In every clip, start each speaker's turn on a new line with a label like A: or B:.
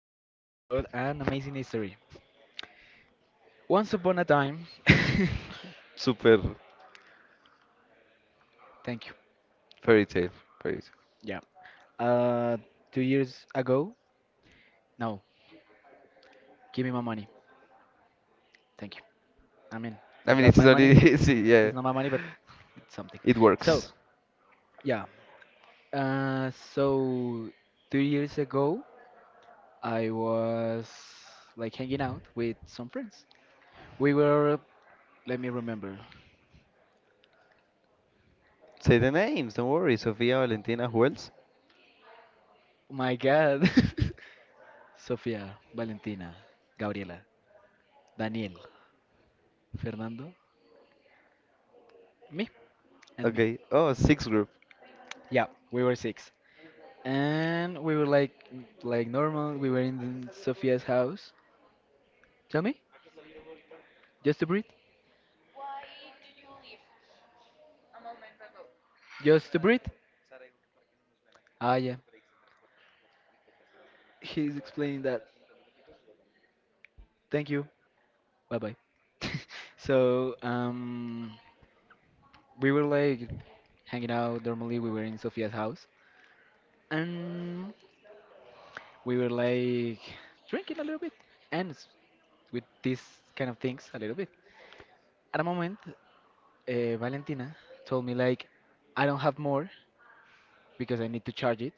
A: we're gonna talk about an amazing history. Once upon a time,
B: Super
A: thank you.
B: fairy tale. Fairy tale.
A: Yeah, uh, 2 years ago, no, give me my money. Thank you. I mean,
B: I
A: it's
B: mean,
A: not
B: it's
A: my
B: not
A: money,
B: easy.
A: it's
B: Yeah,
A: not my money, but it's something.
B: it
A: So,
B: works.
A: yeah, so 2 years ago, I was like hanging out with some friends. We were, let me remember,
B: Say the names. Don't worry. Sofia, Valentina. Who else?
A: oh my God, Sofia, Valentina, Gabriela, Daniel, Fernando, me, and me.
B: Okay. Oh, sixth group.
A: Yeah, we were six, and we were like normal. We were in Sophia's house. Tell me, just to breathe, just to breathe. Ah, yeah. He's explaining that. Thank you. Bye bye. so um, we were like hanging out normally. We were in Sophia's house, and we were like drinking a little bit and with these kind of things a little bit. At a moment, Valentina told me like, I don't have more because I need to charge it,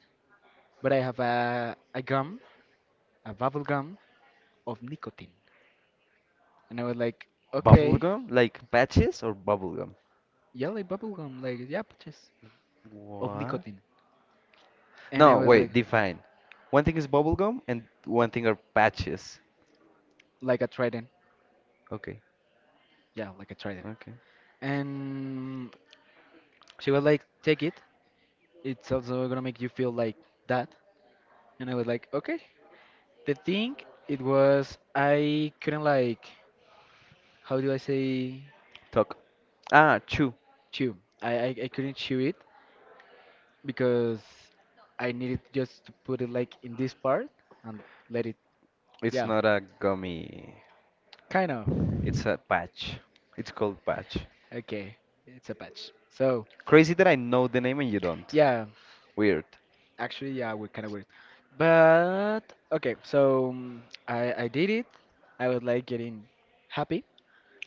A: but I have a gum, a bubble gum of nicotine, and I was like, okay,
B: Bubblegum? Like patches or bubblegum?
A: yeah, like bubble gum, like yeah, purchase of
B: What?
A: nicotine, and I
B: No,
A: was
B: wait. Define. One thing is bubblegum and one thing are patches.
A: like a trident,
B: Okay.
A: yeah, like a trident,
B: Okay.
A: and she was like, take it, it's also gonna make you feel like that, and I was like, okay. The thing it was, I couldn't like, how do I say,
B: Talk. Ah, chew.
A: chew. I couldn't chew it because I needed just to put it like in this part and let it,
B: It's
A: yeah,
B: not a gummy.
A: kind of.
B: It's a patch. It's called patch.
A: Okay, it's a patch. So,
B: Crazy that I know the name and you don't.
A: yeah,
B: Weird.
A: actually, yeah, we're kind of weird. But, okay, I did it. I was like getting happy,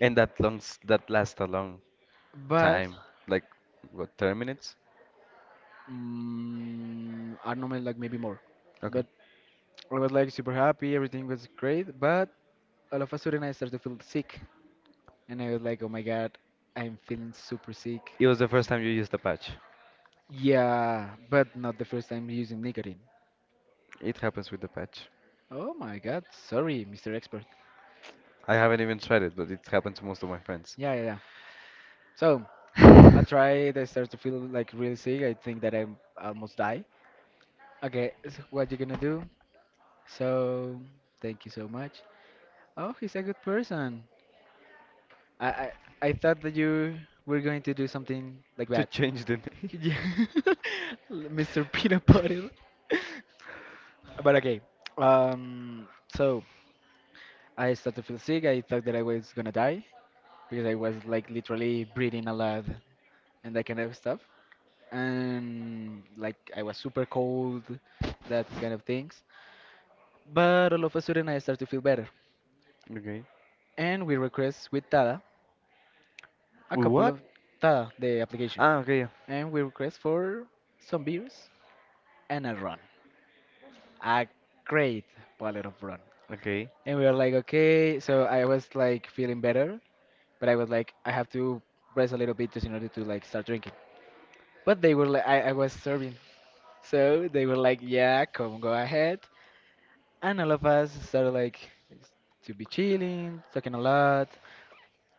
B: And that long, that lasts a long
A: but
B: time, like what, 30 minutes?
A: mm I don't know, like maybe more.
B: Okay.
A: But I was like super happy, everything was great, but all of a sudden I started to feel sick. And I was like, oh my god, I'm feeling super sick.
B: It was the
A: And I said,
B: first time you used the patch.
A: yeah, but not the first time using nicotine.
B: It happens with the patch.
A: Oh my god, sorry, Mr. Expert.
B: I haven't even tried it, but it happened to most of my friends.
A: Yeah, yeah, yeah. So I tried. I started to feel like really sick. I think that I almost die. Okay, so what you gonna do? So thank you so much. Oh, he's a good person. I I, I thought that you were going to do something like
B: To
A: that.
B: change the name.
A: Yeah. Mr. Peanut Butter. But okay, um, so I started to feel sick. I thought that I was gonna die because I was like literally breathing a lot and that kind of stuff. And like I was super cold, that kind of things. But all of a sudden I started to feel better.
B: Okay.
A: And we request with Tada a couple
B: What?
A: of, Tada, the application.
B: Ah, okay, yeah.
A: And we request for some beers and a run. A great bottle of run.
B: Okay.
A: And we were like, okay, so I was like feeling better, but I was like, I have to rest a little bit just in order to like start drinking. But they were like, I was serving, so they were like, yeah, come go ahead, and all of us started like s- to be chilling, talking a lot,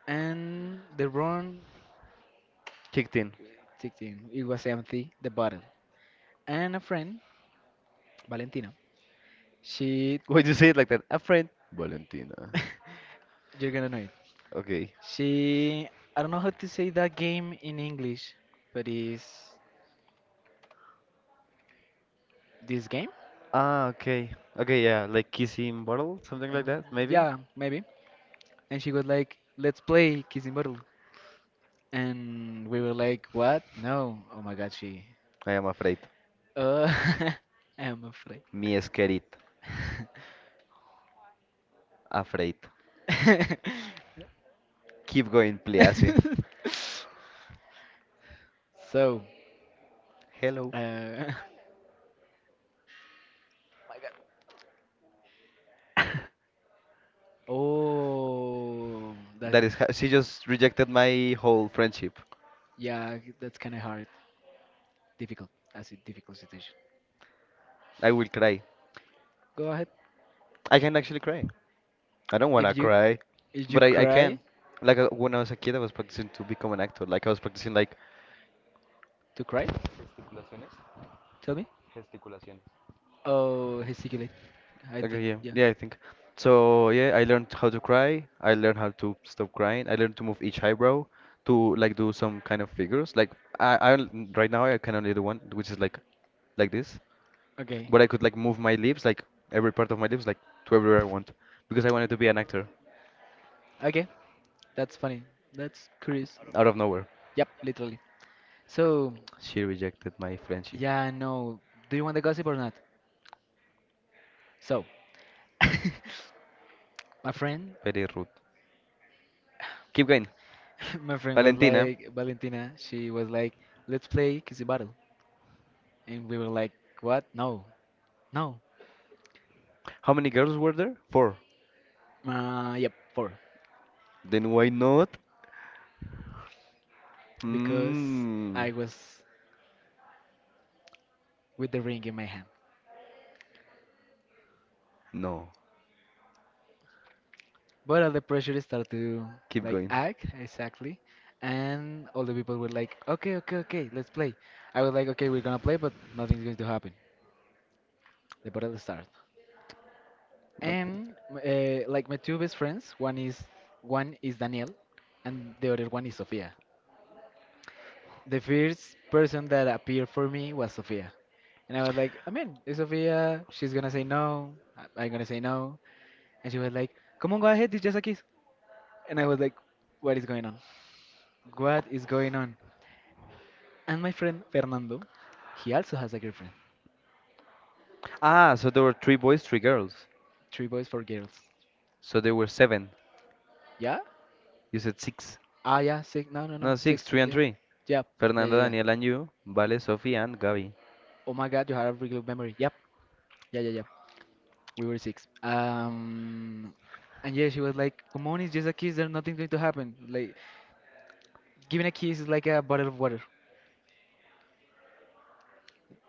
A: and the run
B: Kicked in.
A: ticked in. It was empty, the bottle, and a friend, Valentina, she,
B: Why do you say it like that? A friend. Valentina.
A: you're gonna know it.
B: Okay.
A: She, I don't know how to say that game in English, but is this game?
B: Ah, okay. Okay, yeah, like kissing bottle, something
A: Mm,
B: like that, maybe?
A: yeah, maybe. And she was like, "Let's play kissing bottle," and we were like, "What? No! Oh my God, she."
B: I am afraid.
A: Uh, I am afraid.
B: Mi esquerit. Afraid. Keep going, please.
A: So,
B: Hello.
A: uh, my God. Oh, that
B: That is how she just rejected my whole friendship.
A: yeah, that's kind of hard, difficult. That's a difficult situation.
B: I will cry.
A: Go ahead.
B: I can actually cry. I don't wanna
A: If you,
B: cry,
A: if you
B: but I can.
A: cry,
B: Like when I was a kid, I was practicing to become an actor. Like I was practicing
A: to cry, tell me. Oh, gesticulate. I
B: like
A: think
B: yeah,
A: yeah.
B: yeah, I think. So yeah, I learned how to cry. I learned how to stop crying. I learned to move each eyebrow to like do some kind of figures. Like right now I can only do one, which is like this,
A: Okay.
B: but I could like move my lips, like every part of my lips, like to everywhere I want, because I wanted to be an actor
A: Okay, that's funny. That's curious.
B: out of nowhere.
A: Yep, literally. So,
B: She rejected my friendship.
A: yeah, no. Do you want the gossip or not? So, my friend,
B: Very rude. Keep going.
A: my friend was
B: Valentina,
A: like Valentina. She was like, "Let's play Kissy Battle," and we were like, "What? No, no."
B: how many girls were there? Four.
A: Yep, four.
B: Then why not?
A: Because
B: Mm,
A: I was with the ring in my hand.
B: no.
A: But all the pressure started to
B: Keep
A: like
B: going.
A: act exactly, and all the people were like, "Okay, okay, okay, let's play." I was like, "Okay, we're gonna play, but nothing's going to happen." The battle started,
B: Nothing.
A: and like my two best friends, one is Daniel, and the other one is Sofia. The first person that appeared for me was Sofia, and I was like, "I mean, it's Sofia. She's gonna say no. I'm gonna say no," and she was like, "Come on, go ahead. It's just a kiss." And I was like, "What is going on? What is going on?" And my friend Fernando, he also has a girlfriend.
B: Ah, so there were three boys, three girls.
A: Three boys, four girls.
B: So there were seven.
A: Yeah?
B: You said six.
A: Ah, yeah, six. No, no, no,
B: No, six,
A: six.
B: three
A: Six,
B: and
A: yeah.
B: three.
A: Yep. Yeah, yeah,
B: Fernanda,
A: yeah.
B: Daniel, and you. Vale, Sophie, and Gabi.
A: Oh my God, you have a really good memory. Yep. Yeah, yeah, yeah. We were six. And yeah, she was like, "Come on, it's just a kiss. There's nothing going to happen. Like, giving a kiss is like a bottle of water.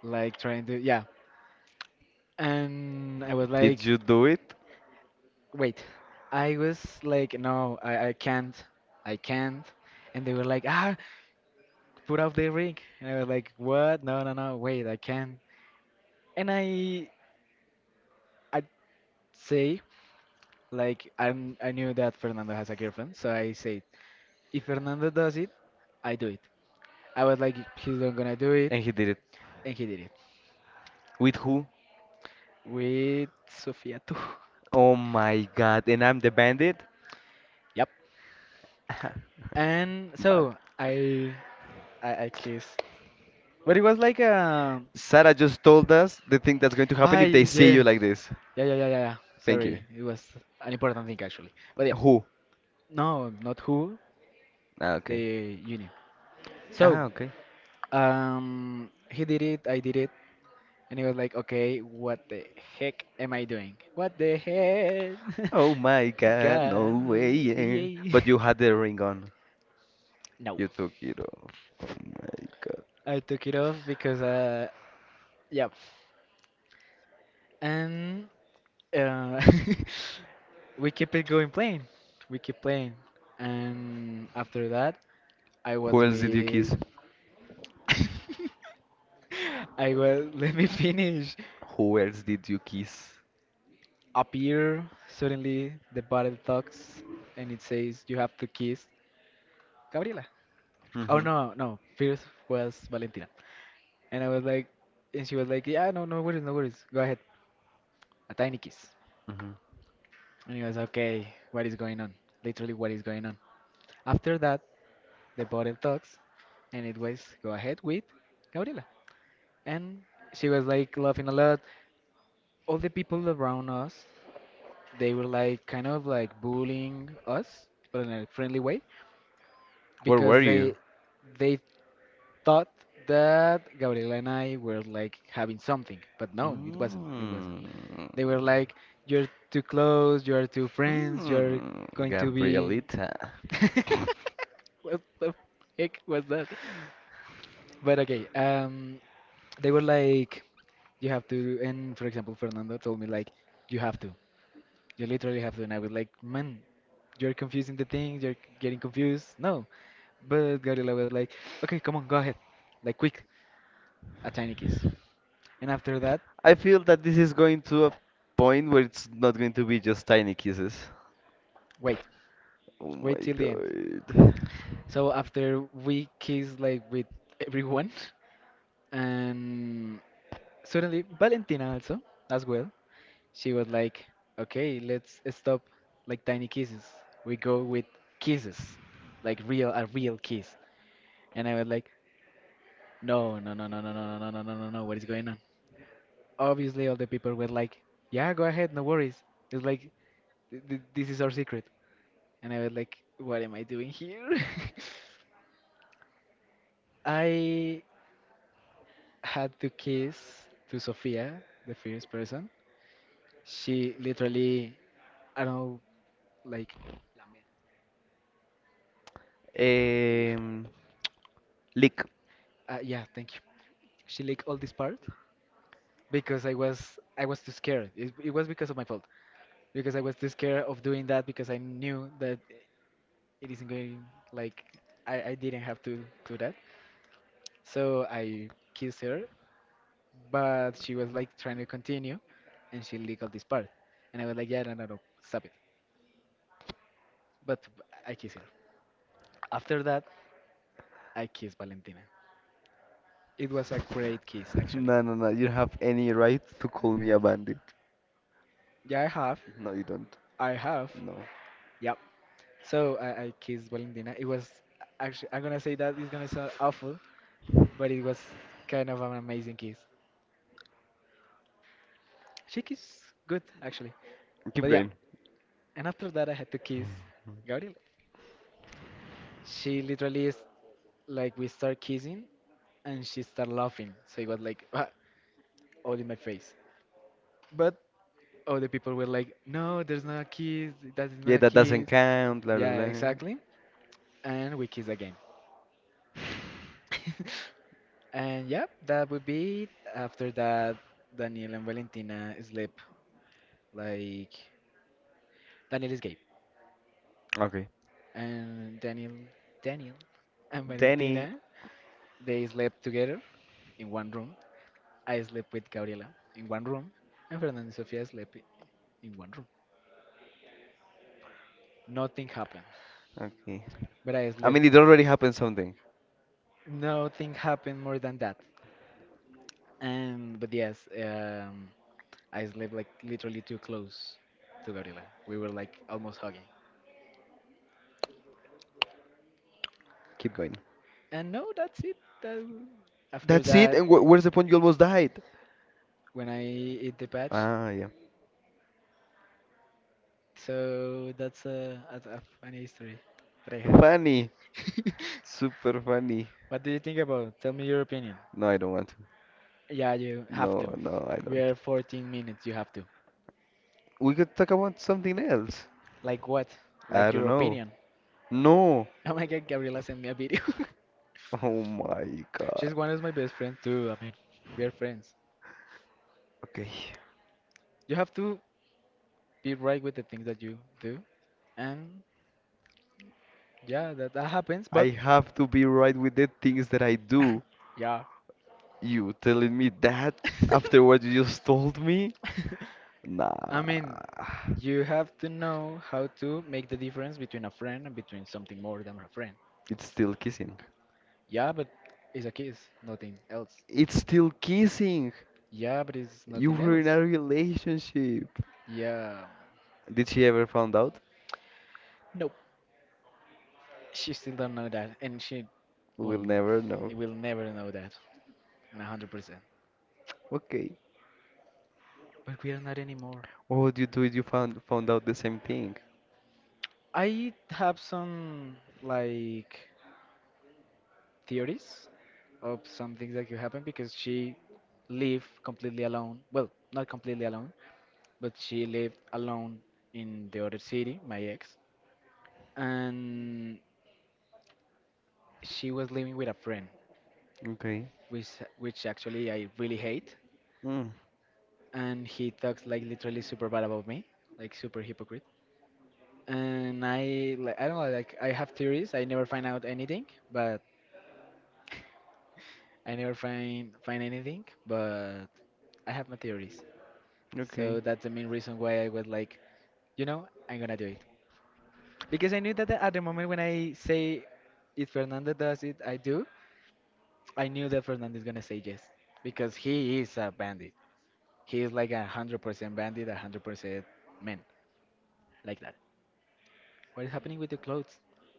A: Like trying to, yeah." And I was
B: Did
A: like,
B: you do it?
A: wait, I was like, no, I can't, I can't. And they were like, ah, put off the ring. And I was like, what? No, no, no, wait, I can't. And I say, like, I knew that Fernando has a girlfriend, so I said, if Fernando does it, I do it. I was like, he's not gonna do it,
B: And he did it.
A: and he did it
B: With who?
A: with Sofia too.
B: Oh my god, and I'm the bandit?
A: Yep. And
B: But
A: so I, I, I kissed, but it was like a,
B: Sarah just told us the thing that's going to happen
A: I
B: if they see
A: yeah.
B: you like this.
A: Yeah, yeah, yeah, yeah, yeah.
B: Thank
A: Sorry,
B: you.
A: it was an important thing actually. But yeah,
B: Who?
A: no, not who,
B: Ah, okay.
A: the uni. So,
B: Ah, okay.
A: he did it, I did it, and he was like, okay, what the heck am I doing? What the heck?
B: Oh my God, no
A: God,
B: way. Yeah.
A: yay.
B: But you had the ring on.
A: No,
B: You took it off. My God.
A: I took it off because, yeah. And, uh, we keep it going playing. We keep playing. And after that, I was
B: Who else did you
A: with.
B: kiss?
A: I was. Let me finish.
B: Who else did you kiss?
A: Appear suddenly the battle talks and it says you have to kiss Gabriela. Oh
B: Mm-hmm.
A: no, no, first was Valentina. And I was like and she was like, yeah, no, no worries, no worries. Go ahead. A tiny kiss.
B: Mm-hmm.
A: And he was okay, what is going on? Literally what is going on. After that the bottle talks and it was go ahead with Gabriela. And she was like laughing a lot. All the people around us, they were like kind of like bullying us, but in a friendly way
B: Where
A: because
B: were
A: they
B: you?
A: they thought that Gabriela and I were like having something, but no, it wasn't. It wasn't.
B: Mm.
A: They were like, "You're too close. You're too friends. You're
B: Hmm.
A: going to be."
B: Gabrielita.
A: what the heck was that? But okay, they were like, "You have to," and for example, Fernando told me like, "You have to." You literally have to, and I was like, man, you're confusing the things, you're getting confused. No. But Gabriela was like, okay, come on, go ahead. Like, quick, a tiny kiss. And after that,
B: I feel that this is going to a point where it's not going to be just tiny kisses.
A: wait,
B: Oh
A: wait
B: my
A: till the end.
B: God.
A: So after we kissed, like, with everyone, and suddenly Valentina also, as well, she was like, okay, let's stop, like, tiny kisses. We go with kisses, like, real, a real kiss. And I was like, no, no, no, no, no, no, no, no, no, no, no, no. What is going on? Obviously, all the people were like, "Yeah, go ahead, no worries." It's like, "This is our secret," and I was like, "What am I doing here?" I had to kiss to Sophia, the first person. She literally, I don't know, like, yeah,
B: Um, lick.
A: yeah, thank you. She licked all this part because I was too scared. It was because of my fault because I was too scared of doing that because I knew that it isn't going like I didn't have to do that. So I kissed her, but she was like trying to continue and she leaked this part. And I was like, yeah, no, no, no, stop it. But I kissed her. After that, I kissed Valentina. It was a great kiss, actually.
B: No, no, no. You don't have any right to call me a bandit.
A: Yeah, I have.
B: No, you don't.
A: I have.
B: No.
A: Yep. So I kissed Valentina. It was actually, I'm gonna say that it's gonna sound awful, but it was kind of an amazing kiss. She kissed good, actually.
B: Keep
A: But yeah,
B: going.
A: and after that, I had to kiss Gabriel. She literally is like, we start kissing and she start laughing. So it was like, "Ah," all in my face. But all the people were like, no, there's not a kiss. That is
B: Yeah,
A: not a
B: that doesn't
A: kiss.
B: count. La la
A: Yeah,
B: la.
A: exactly. And we kiss again. And yeah, that would be it. After that, Daniel and Valentina sleep. Like, Daniel is gay.
B: Okay.
A: And Daniel, Daniel and
B: Danny.
A: Valentina, they slept together in one room. I slept with Gabriela in one room, and Fernando and Sofia slept in one room. Nothing happened,
B: Okay.
A: but I
B: I
A: slept.
B: mean, it already happened something.
A: Nothing happened more than that. And but yes, um, I slept like literally too close to Gabriela. We were like almost hugging.
B: Keep going.
A: And no, that's it. That, after
B: That's it.
A: that,
B: And wh where's the point? You almost died.
A: when I eat the patch,
B: Ah, yeah.
A: so that's a funny history that I have.
B: Funny. Super funny.
A: What do you think about? Tell me your opinion.
B: No, I don't want to.
A: Yeah, you
B: No,
A: have to.
B: no, I
A: We
B: don't.
A: are 14 minutes, you have to.
B: We could talk about something else.
A: Like what?
B: I
A: Like
B: don't
A: your
B: know.
A: opinion.
B: No.
A: Oh my God, Gabriela sent me a video.
B: Oh my God.
A: She's one of my best friends too. I mean, we are friends.
B: Okay.
A: You have to be right with the things that you do. And yeah, that happens,
B: I
A: but
B: have to be right with the things that I do.
A: yeah.
B: You telling me that after what you just told me?
A: I mean,
B: Nah.
A: you have to know how to make the difference between a friend and between something more than a friend.
B: It's still kissing.
A: Yeah, but it's a kiss, nothing else.
B: It's still kissing.
A: Yeah, but it's
B: You
A: nothing
B: were in a
A: else.
B: relationship.
A: Yeah.
B: Did she ever found out?
A: Nope. She still don't know that, and she
B: We'll
A: won't.
B: never
A: He
B: know.
A: will never know that, 100%.
B: Okay.
A: But we are not anymore.
B: What would you do if you found out the same thing?
A: I have some like theories of some things that could happen because she lived completely alone. Well, not completely alone, but she lived alone in the other city, my ex, and she was living with a friend,
B: Okay.
A: which which actually I really hate,
B: Mm,
A: and he talks like literally super bad about me, like super hypocrite. And I like I don't know like I have theories. I never find out anything, but I never find anything. But I have my theories. So
B: okay.
A: that's the main reason why I was like, you know, I'm gonna do it because I knew that at the moment when I say if Fernando does it, I do. I knew that Fernando is gonna say yes because he is a bandit. He is like 100% bandit, 100% man, like, what is happening with your clothes?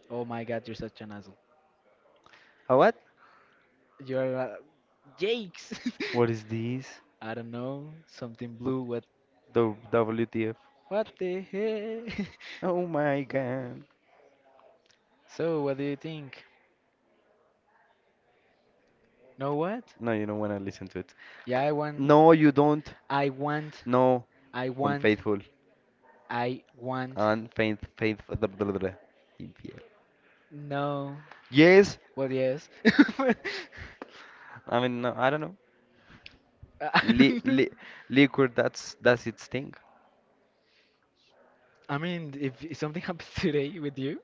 A: Oh my God, you're such an asshole.
B: A what?
A: You're Jakes.
B: What is this?
A: I don't know, something
B: What
A: blue. What?
B: the WTF?
A: What the heck?
B: Oh my god.
A: So, what do you think? Know what?
B: No, you don't wanna listen to it.
A: Yeah, I want.
B: No, you don't.
A: I want.
B: No,
A: I want.
B: unfaithful.
A: I want.
B: Unfaithful.
A: No.
B: Yes,
A: Well, yes.
B: I mean, no, I don't know.
A: I
B: Li
A: don't know.
B: li liquor, that's its thing.
A: I mean, if something happens today with you,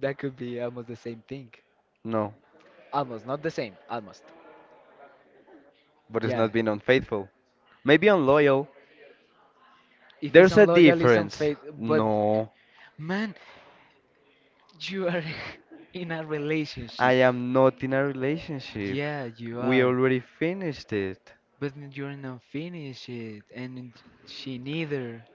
A: that could be almost the same thing.
B: No,
A: Almost, not the same. Almost.
B: but it's
A: Yeah.
B: not being unfaithful. Maybe unloyal.
A: If it's
B: There's a
A: unloyal, it's
B: difference.
A: unfaith. But
B: No,
A: man, you are in a
B: I
A: relationship.
B: am not in a relationship.
A: Yeah, you
B: We
A: are.
B: already finished it.
A: But you're not finished it, and she neither.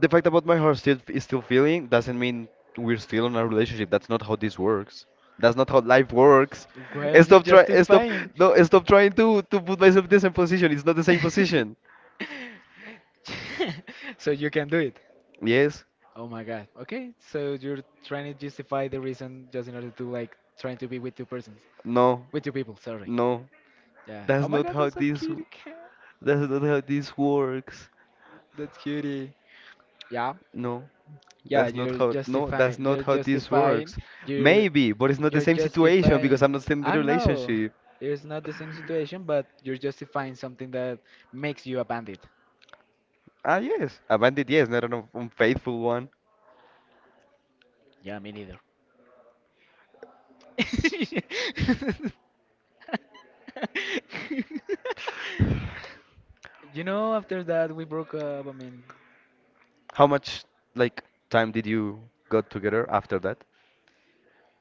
B: The fact about my heart still is still feeling doesn't mean we're still in a relationship. That's not how this works. That's not how life works.
A: Why are you
B: Stop.
A: justifying?
B: No. Stop trying to put myself in the same position. It's not the same position.
A: So you can do it.
B: Yes.
A: Oh my God. Okay, so you're trying to justify the reason just in order to like trying to be with two persons,
B: No.
A: with two people. Sorry.
B: No.
A: Yeah.
B: That's
A: Oh my
B: not
A: God,
B: how
A: that's a
B: this.
A: cutie cat.
B: That's not how this works.
A: That's cutie. Yeah.
B: No.
A: Yeah,
B: That's not
A: you're
B: how. No. That's
A: justifying.
B: not
A: You're
B: how this
A: justifying.
B: works.
A: You're
B: Maybe, but it's not the
A: you're
B: same situation because
A: justifying.
B: I'm not still in the
A: I know
B: relationship.
A: it's not the same situation, but you're justifying something that makes you a bandit.
B: Ah yes, a bandit. Yes, not an unfaithful one.
A: Yeah, me neither. You know, after that we broke up. I mean,
B: How much like time did you got together after that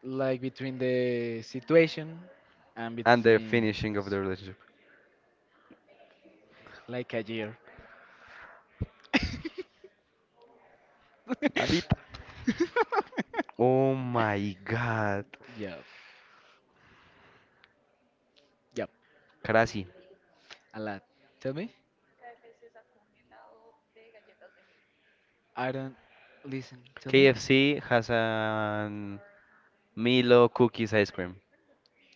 A: like between the situation and
B: and the
A: between,
B: finishing of the relationship?
A: like, a year.
B: Alita. Oh my God.
A: Yeah, yeah,
B: Crazy.
A: a lot. Tell me. I don't listen. Tell me.
B: KFC has an Milo cookies ice cream.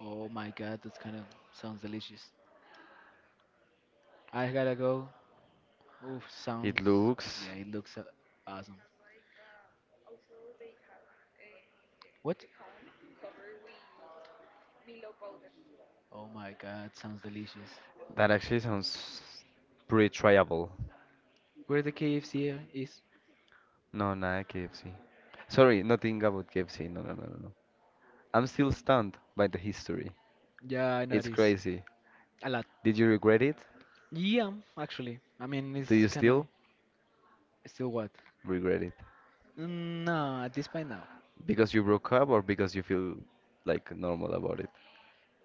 A: Oh my God, that's kind of sounds delicious. I gotta go. Oof,
B: It
A: sounds.
B: looks
A: Yeah, it looks awesome. What? Oh my God, sounds delicious.
B: that actually sounds pretty tryable.
A: Where the KFC is?
B: No, not KFC. Sorry, nothing about KFC. No, no, no, no, no. I'm still stunned by the history.
A: Yeah, I
B: It's
A: noticed.
B: crazy.
A: A lot.
B: Did you regret it?
A: Yeah, actually. I mean,
B: Do
A: it's
B: you
A: kind of.
B: still
A: Still what?
B: regret it?
A: Mm, no, at this point now.
B: Because you broke up or because you feel like normal about it?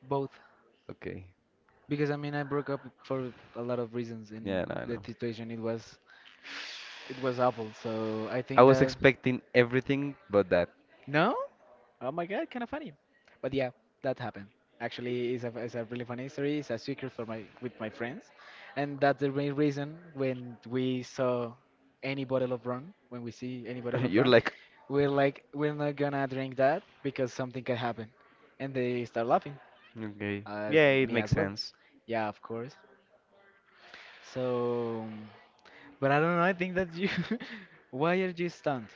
A: Both.
B: Okay.
A: Because I mean, I broke up for a lot of reasons, and
B: Yeah, no, I
A: the
B: know.
A: situation it was awful. So I
B: I
A: think
B: was
A: that.
B: expecting everything but that.
A: No? Oh my God, kind of funny. But yeah, that happened. Actually, it's a really funny story. It's a secret for my with my friends, and that's the main reason when we saw any bottle of rum, when we see any bottle of
B: You're
A: rum,
B: like,
A: we're like, we're not gonna drink that because something can happen, and they start laughing.
B: okay.
A: Uh,
B: Yeah, it
A: Me
B: makes
A: as well.
B: sense.
A: Yeah, of course. So, but I don't know. I think that you. Why are you stunned?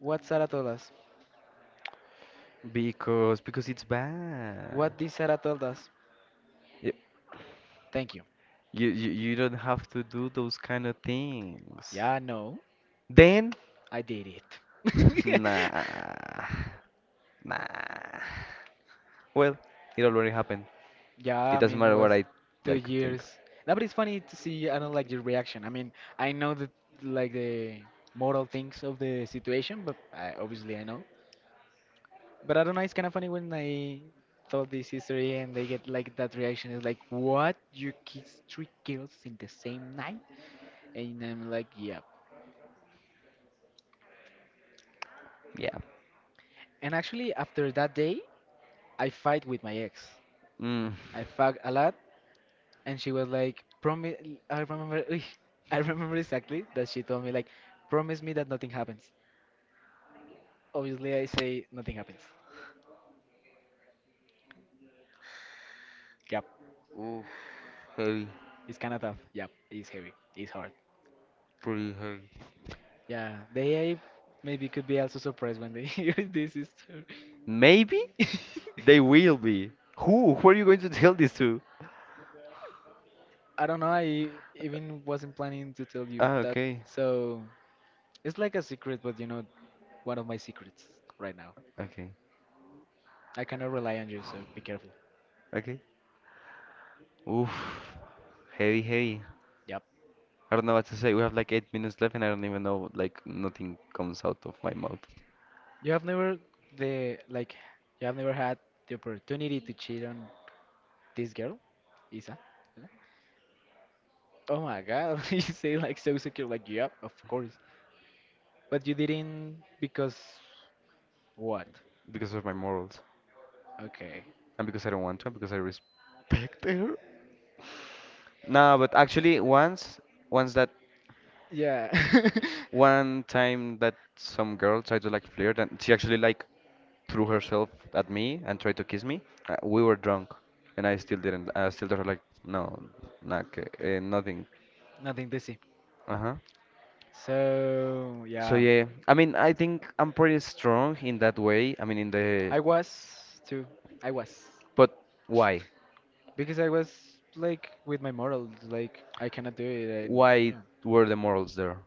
A: What Sarah told us?
B: Because it's bad.
A: What did Sarah told us?
B: Y-
A: Thank you.
B: You don't have to do those kind of things.
A: Yeah, no.
B: Then,
A: I did it.
B: nah, nah. Well, it already happened.
A: Yeah,
B: It
A: I
B: doesn't
A: mean, it
B: matter
A: was
B: what I
A: two
B: like think.
A: years. No, but it's funny to see, I don't like your reaction. I mean, I know the like the moral things of the situation, but I, obviously I know. But I don't know, it's kind of funny when I told this history and they get like that reaction. It's like, what? You kiss three girls in the same night? And I'm like, yeah.
B: Yeah.
A: And actually, after that day, I fight with my ex.
B: Mm.
A: I fuck a lot and she was like, promise. I remember, I remember exactly that she told me like, promise me that nothing happens. Obviously, I say nothing happens. Yep,
B: Oof, heavy,
A: it's kind of tough. Yep, it's heavy. It's hard.
B: pretty heavy.
A: Yeah, the AI maybe could be also surprised when they hear this story.
B: Maybe they will be. Who? Who are you going to tell this to?
A: I don't know. I even wasn't planning to tell you
B: Ah,
A: that.
B: okay.
A: So it's like a secret, but you know, one of my secrets right now.
B: Okay.
A: I cannot rely on you, so be careful.
B: Okay. Oof. Heavy, heavy.
A: Yup.
B: I don't know what to say. We have like 8 minutes left and I don't even know, like, nothing comes out of my mouth
A: You have never the like you have never had the opportunity to cheat on this girl, Isa? Yeah. Oh my God, you say like so secure, like yep, of course. But you didn't because what?
B: because of my morals.
A: Okay.
B: And because I don't want to, and because I respect her. No, but actually, once, once that,
A: Yeah.
B: one time that some girl tried to like flirt and she actually like threw herself at me and tried to kiss me. We were drunk, and I still didn't. I still told her like, no, not,
A: Okay.
B: nothing.
A: Nothing to see.
B: Uh huh.
A: So
B: So
A: yeah.
B: yeah, I mean, I think I'm pretty strong in that way. I mean, in the
A: I was too. I was.
B: but why?
A: Because I was like with my morals, like I cannot do it, and
B: Why
A: yeah,
B: were the morals there?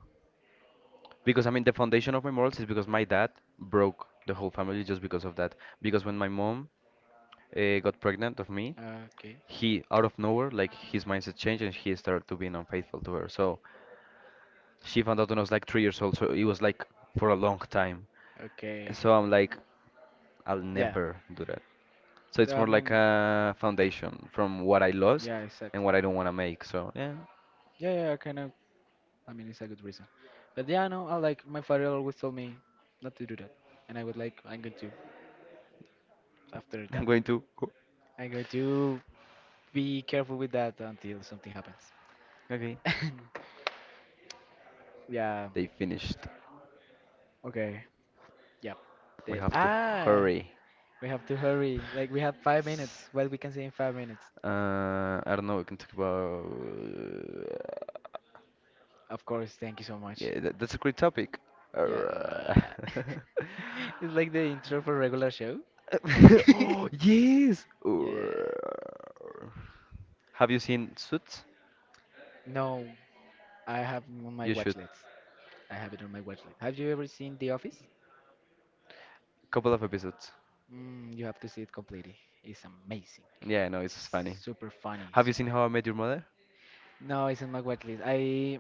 B: Because I mean, the foundation of my morals is because my dad broke the whole family just because of that. Because when my mom got pregnant of me,
A: Okay,
B: he out of nowhere, like his mindset changed and he started to being unfaithful to her. So she found out when I was like 3 years old, so it was like for a long time.
A: okay,
B: So I'm like, I'll
A: yeah.
B: never do that. So it's
A: I
B: more like
A: mean,
B: a foundation from what I lost
A: yeah,
B: and
A: exactly.
B: what I don't want to make. So yeah,
A: Yeah, yeah, kind of. I mean, it's a good reason, but yeah, no, I like my father always told me not to do that, and I was like, I'm going to after
B: I'm
A: that.
B: going to. Go.
A: I'm going to be careful with that until something happens.
B: Okay.
A: Yeah.
B: They finished.
A: Okay. Yep.
B: We
A: The
B: have to
A: ah.
B: hurry.
A: We have to hurry. Like we have 5 minutes. What we can say in 5 minutes?
B: I don't know. We can talk about.
A: Of course. Thank you so much.
B: Yeah, that's a great topic.
A: Yeah.
B: Arrgh.
A: It's like the intro for regular show. Yeah,
B: Oh, yes.
A: yeah. Yeah.
B: Urgh. Have you seen Suits?
A: No, I have on my
B: You should.
A: watch list. I have it on my watch list. Have you ever seen The Office?
B: Couple of episodes.
A: Mm, you have to see it completely. It's amazing.
B: Yeah, no, it's funny.
A: Super funny.
B: Have you seen
A: Super.
B: How I Met Your Mother?
A: No, it's in my watch list. I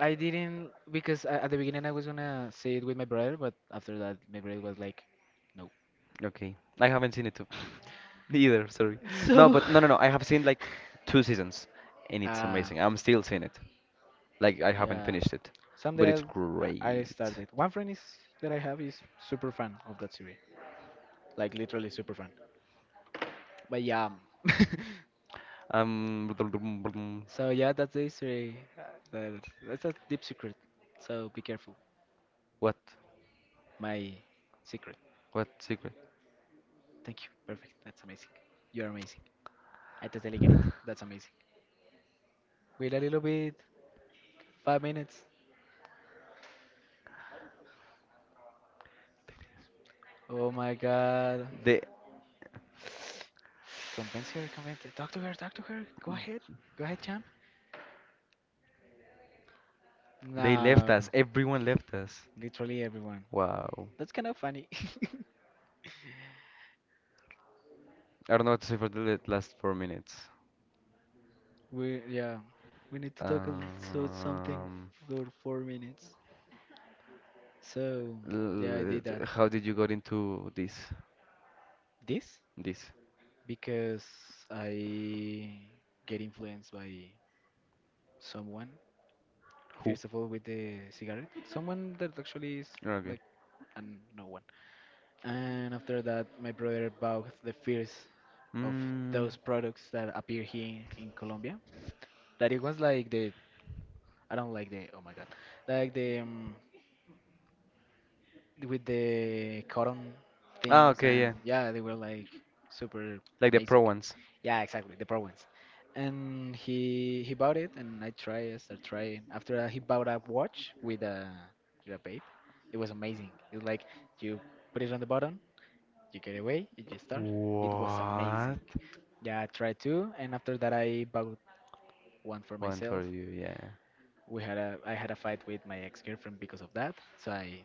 A: I didn't because at the beginning I was gonna say it with my brother, but after that my brother was like, no.
B: Okay. I haven't seen it too. Neither, sorry. No,
A: So
B: but no, no, no. I have seen like two seasons and it's
A: Ah,
B: amazing. I'm still seeing it. Like I haven't
A: yeah.
B: finished it, but
A: Someday
B: it's
A: I'll, I
B: great.
A: started. One friend is that I have is super fan of that series, like literally super fan. But yeah,
B: Um,
A: so yeah, that's the history. That that's a deep secret. So be careful.
B: what?
A: My secret.
B: What secret?
A: Thank you. Perfect. That's amazing. You're amazing. I totally get it. That's amazing. Wait a little bit. 5 minutes. Oh my God.
B: They
A: Convince her. Convince. Talk to her. Talk to her. Go ahead. Go ahead, champ.
B: they left us.
A: No,
B: Everyone left us.
A: literally everyone.
B: Wow.
A: That's kind of funny.
B: I don't know what to say for the last 4 minutes.
A: We yeah, we need to talk about something
B: Um,
A: for 4 minutes. So yeah, I did that.
B: how did you got into this?
A: This
B: This?
A: because I get influenced by someone.
B: Who?
A: First of all, with the cigarette, someone that actually is
B: Okay.
A: like, and no one. And after that, my brother bought the first of those
B: Mm.
A: products that appear here in Colombia. That it was like the I don't like the oh my God, like the with the cotton
B: Ah,
A: things
B: okay,
A: and
B: yeah.
A: yeah, they were like super
B: Like the pro
A: amazing.
B: ones.
A: Yeah, exactly, the pro ones. And he bought it, and I tried, I started trying. After that, he bought a watch with a vape. It was amazing. It's like you put it on the button, you get away, you just start. It was
B: What?
A: amazing. Yeah, I tried two, and after that, I bought one for
B: One for
A: myself,
B: you, yeah.
A: we had a I had a fight with my ex girlfriend because of that, so I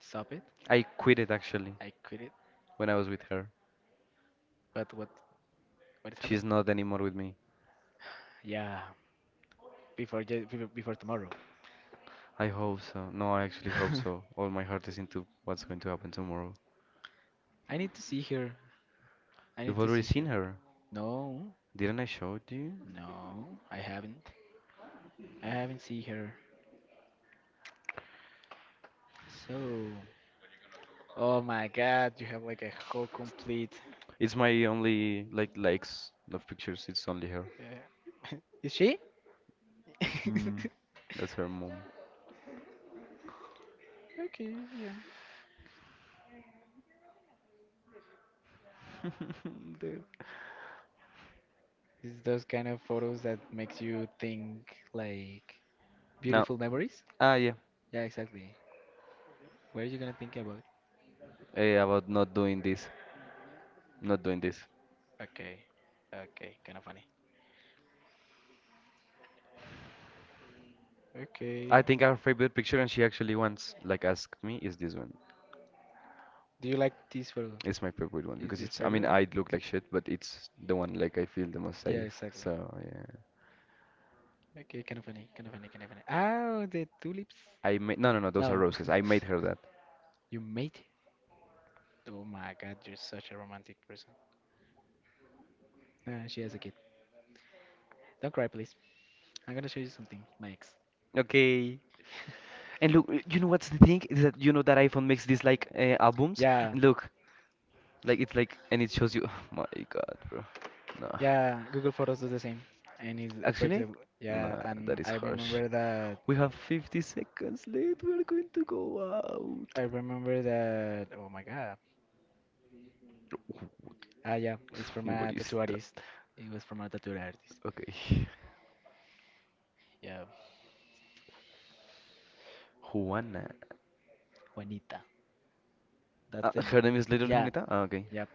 A: stopped it.
B: I quit it actually
A: I quit it.
B: when I was with her.
A: But what is
B: She's
A: happening?
B: not anymore with me.
A: Yeah, before je- before before tomorrow.
B: I hope so. No, I actually hope so. All my heart is into what's going to happen tomorrow.
A: I need to see her. I need
B: You've
A: to
B: already
A: see her.
B: seen her.
A: No,
B: Didn't I show you?
A: no, I haven't. I haven't seen her. So, oh my God, you have like a whole complete.
B: It's my only like likes of pictures. It's only her.
A: Yeah. Is she?
B: That's her mom.
A: Okay, yeah.
B: Dude.
A: It's those kind of photos that makes you think like yeah.
B: No.
A: Beautiful memories.
B: Ah, yeah.
A: Yeah, exactly. What are you gonna think about?
B: Eh, about not doing this. Not doing this.
A: Okay, okay, kind of funny. Okay.
B: I think our favorite picture, and she actually once like asked me, is this one.
A: Do you like this photo?
B: It's my favorite one
A: Is
B: because
A: your
B: it's, I
A: favorite
B: mean,
A: one?
B: I look like shit, but it's the one like I feel the most
A: Yeah, so
B: safe.
A: exactly.
B: So yeah.
A: Okay, kind of funny, kind of funny, kind of funny. Oh, the tulips.
B: I made, no, no, no, those are
A: No,
B: roses. I made her that.
A: you made it. Oh my God, you're such a romantic person. Ah, she has a kid. Don't cry, please. I'm gonna show you something, my ex.
B: Okay. And look, you know what's the thing is that you know that iPhone makes these like albums.
A: Yeah,
B: And look, like it's like, and it shows you. Oh my God, bro. No.
A: yeah. Google Photos does the same, and is for
B: Actually,
A: example, yeah.
B: nah, that
A: And
B: is
A: I
B: harsh.
A: remember that.
B: We have 50 seconds left. We're going to go out.
A: I remember that. Oh my God. Ah, yeah. It's from a
B: What is
A: tattoo
B: that?
A: artist. It was from a tattoo artist.
B: Okay.
A: Yeah,
B: Juana.
A: Juanita. That's the.
B: Her name is Little
A: Yeah, okay.
B: Juanita? Ah, okay.
A: Yep.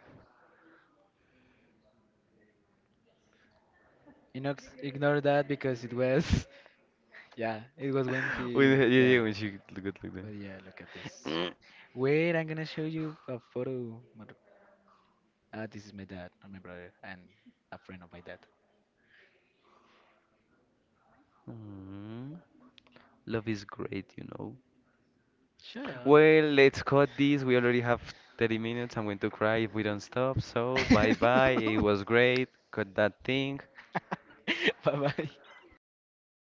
A: Inox ignore that because it was. Yeah, it was when he.
B: When,
A: didn't,
B: yeah,
A: yeah,
B: yeah,
A: knew.
B: when she looked like that.
A: But yeah, look at this. Wait, I'm gonna show you a photo. Mother- Ah, this is my dad, not my brother, and a friend of my dad.
B: Mm, love is great, you know.
A: Shut up.
B: Well, let's cut this. We already have 30 minutes. I'm going to cry if we don't stop. So, bye bye. It was great. Cut that thing.
A: Bye bye.
B: Thank you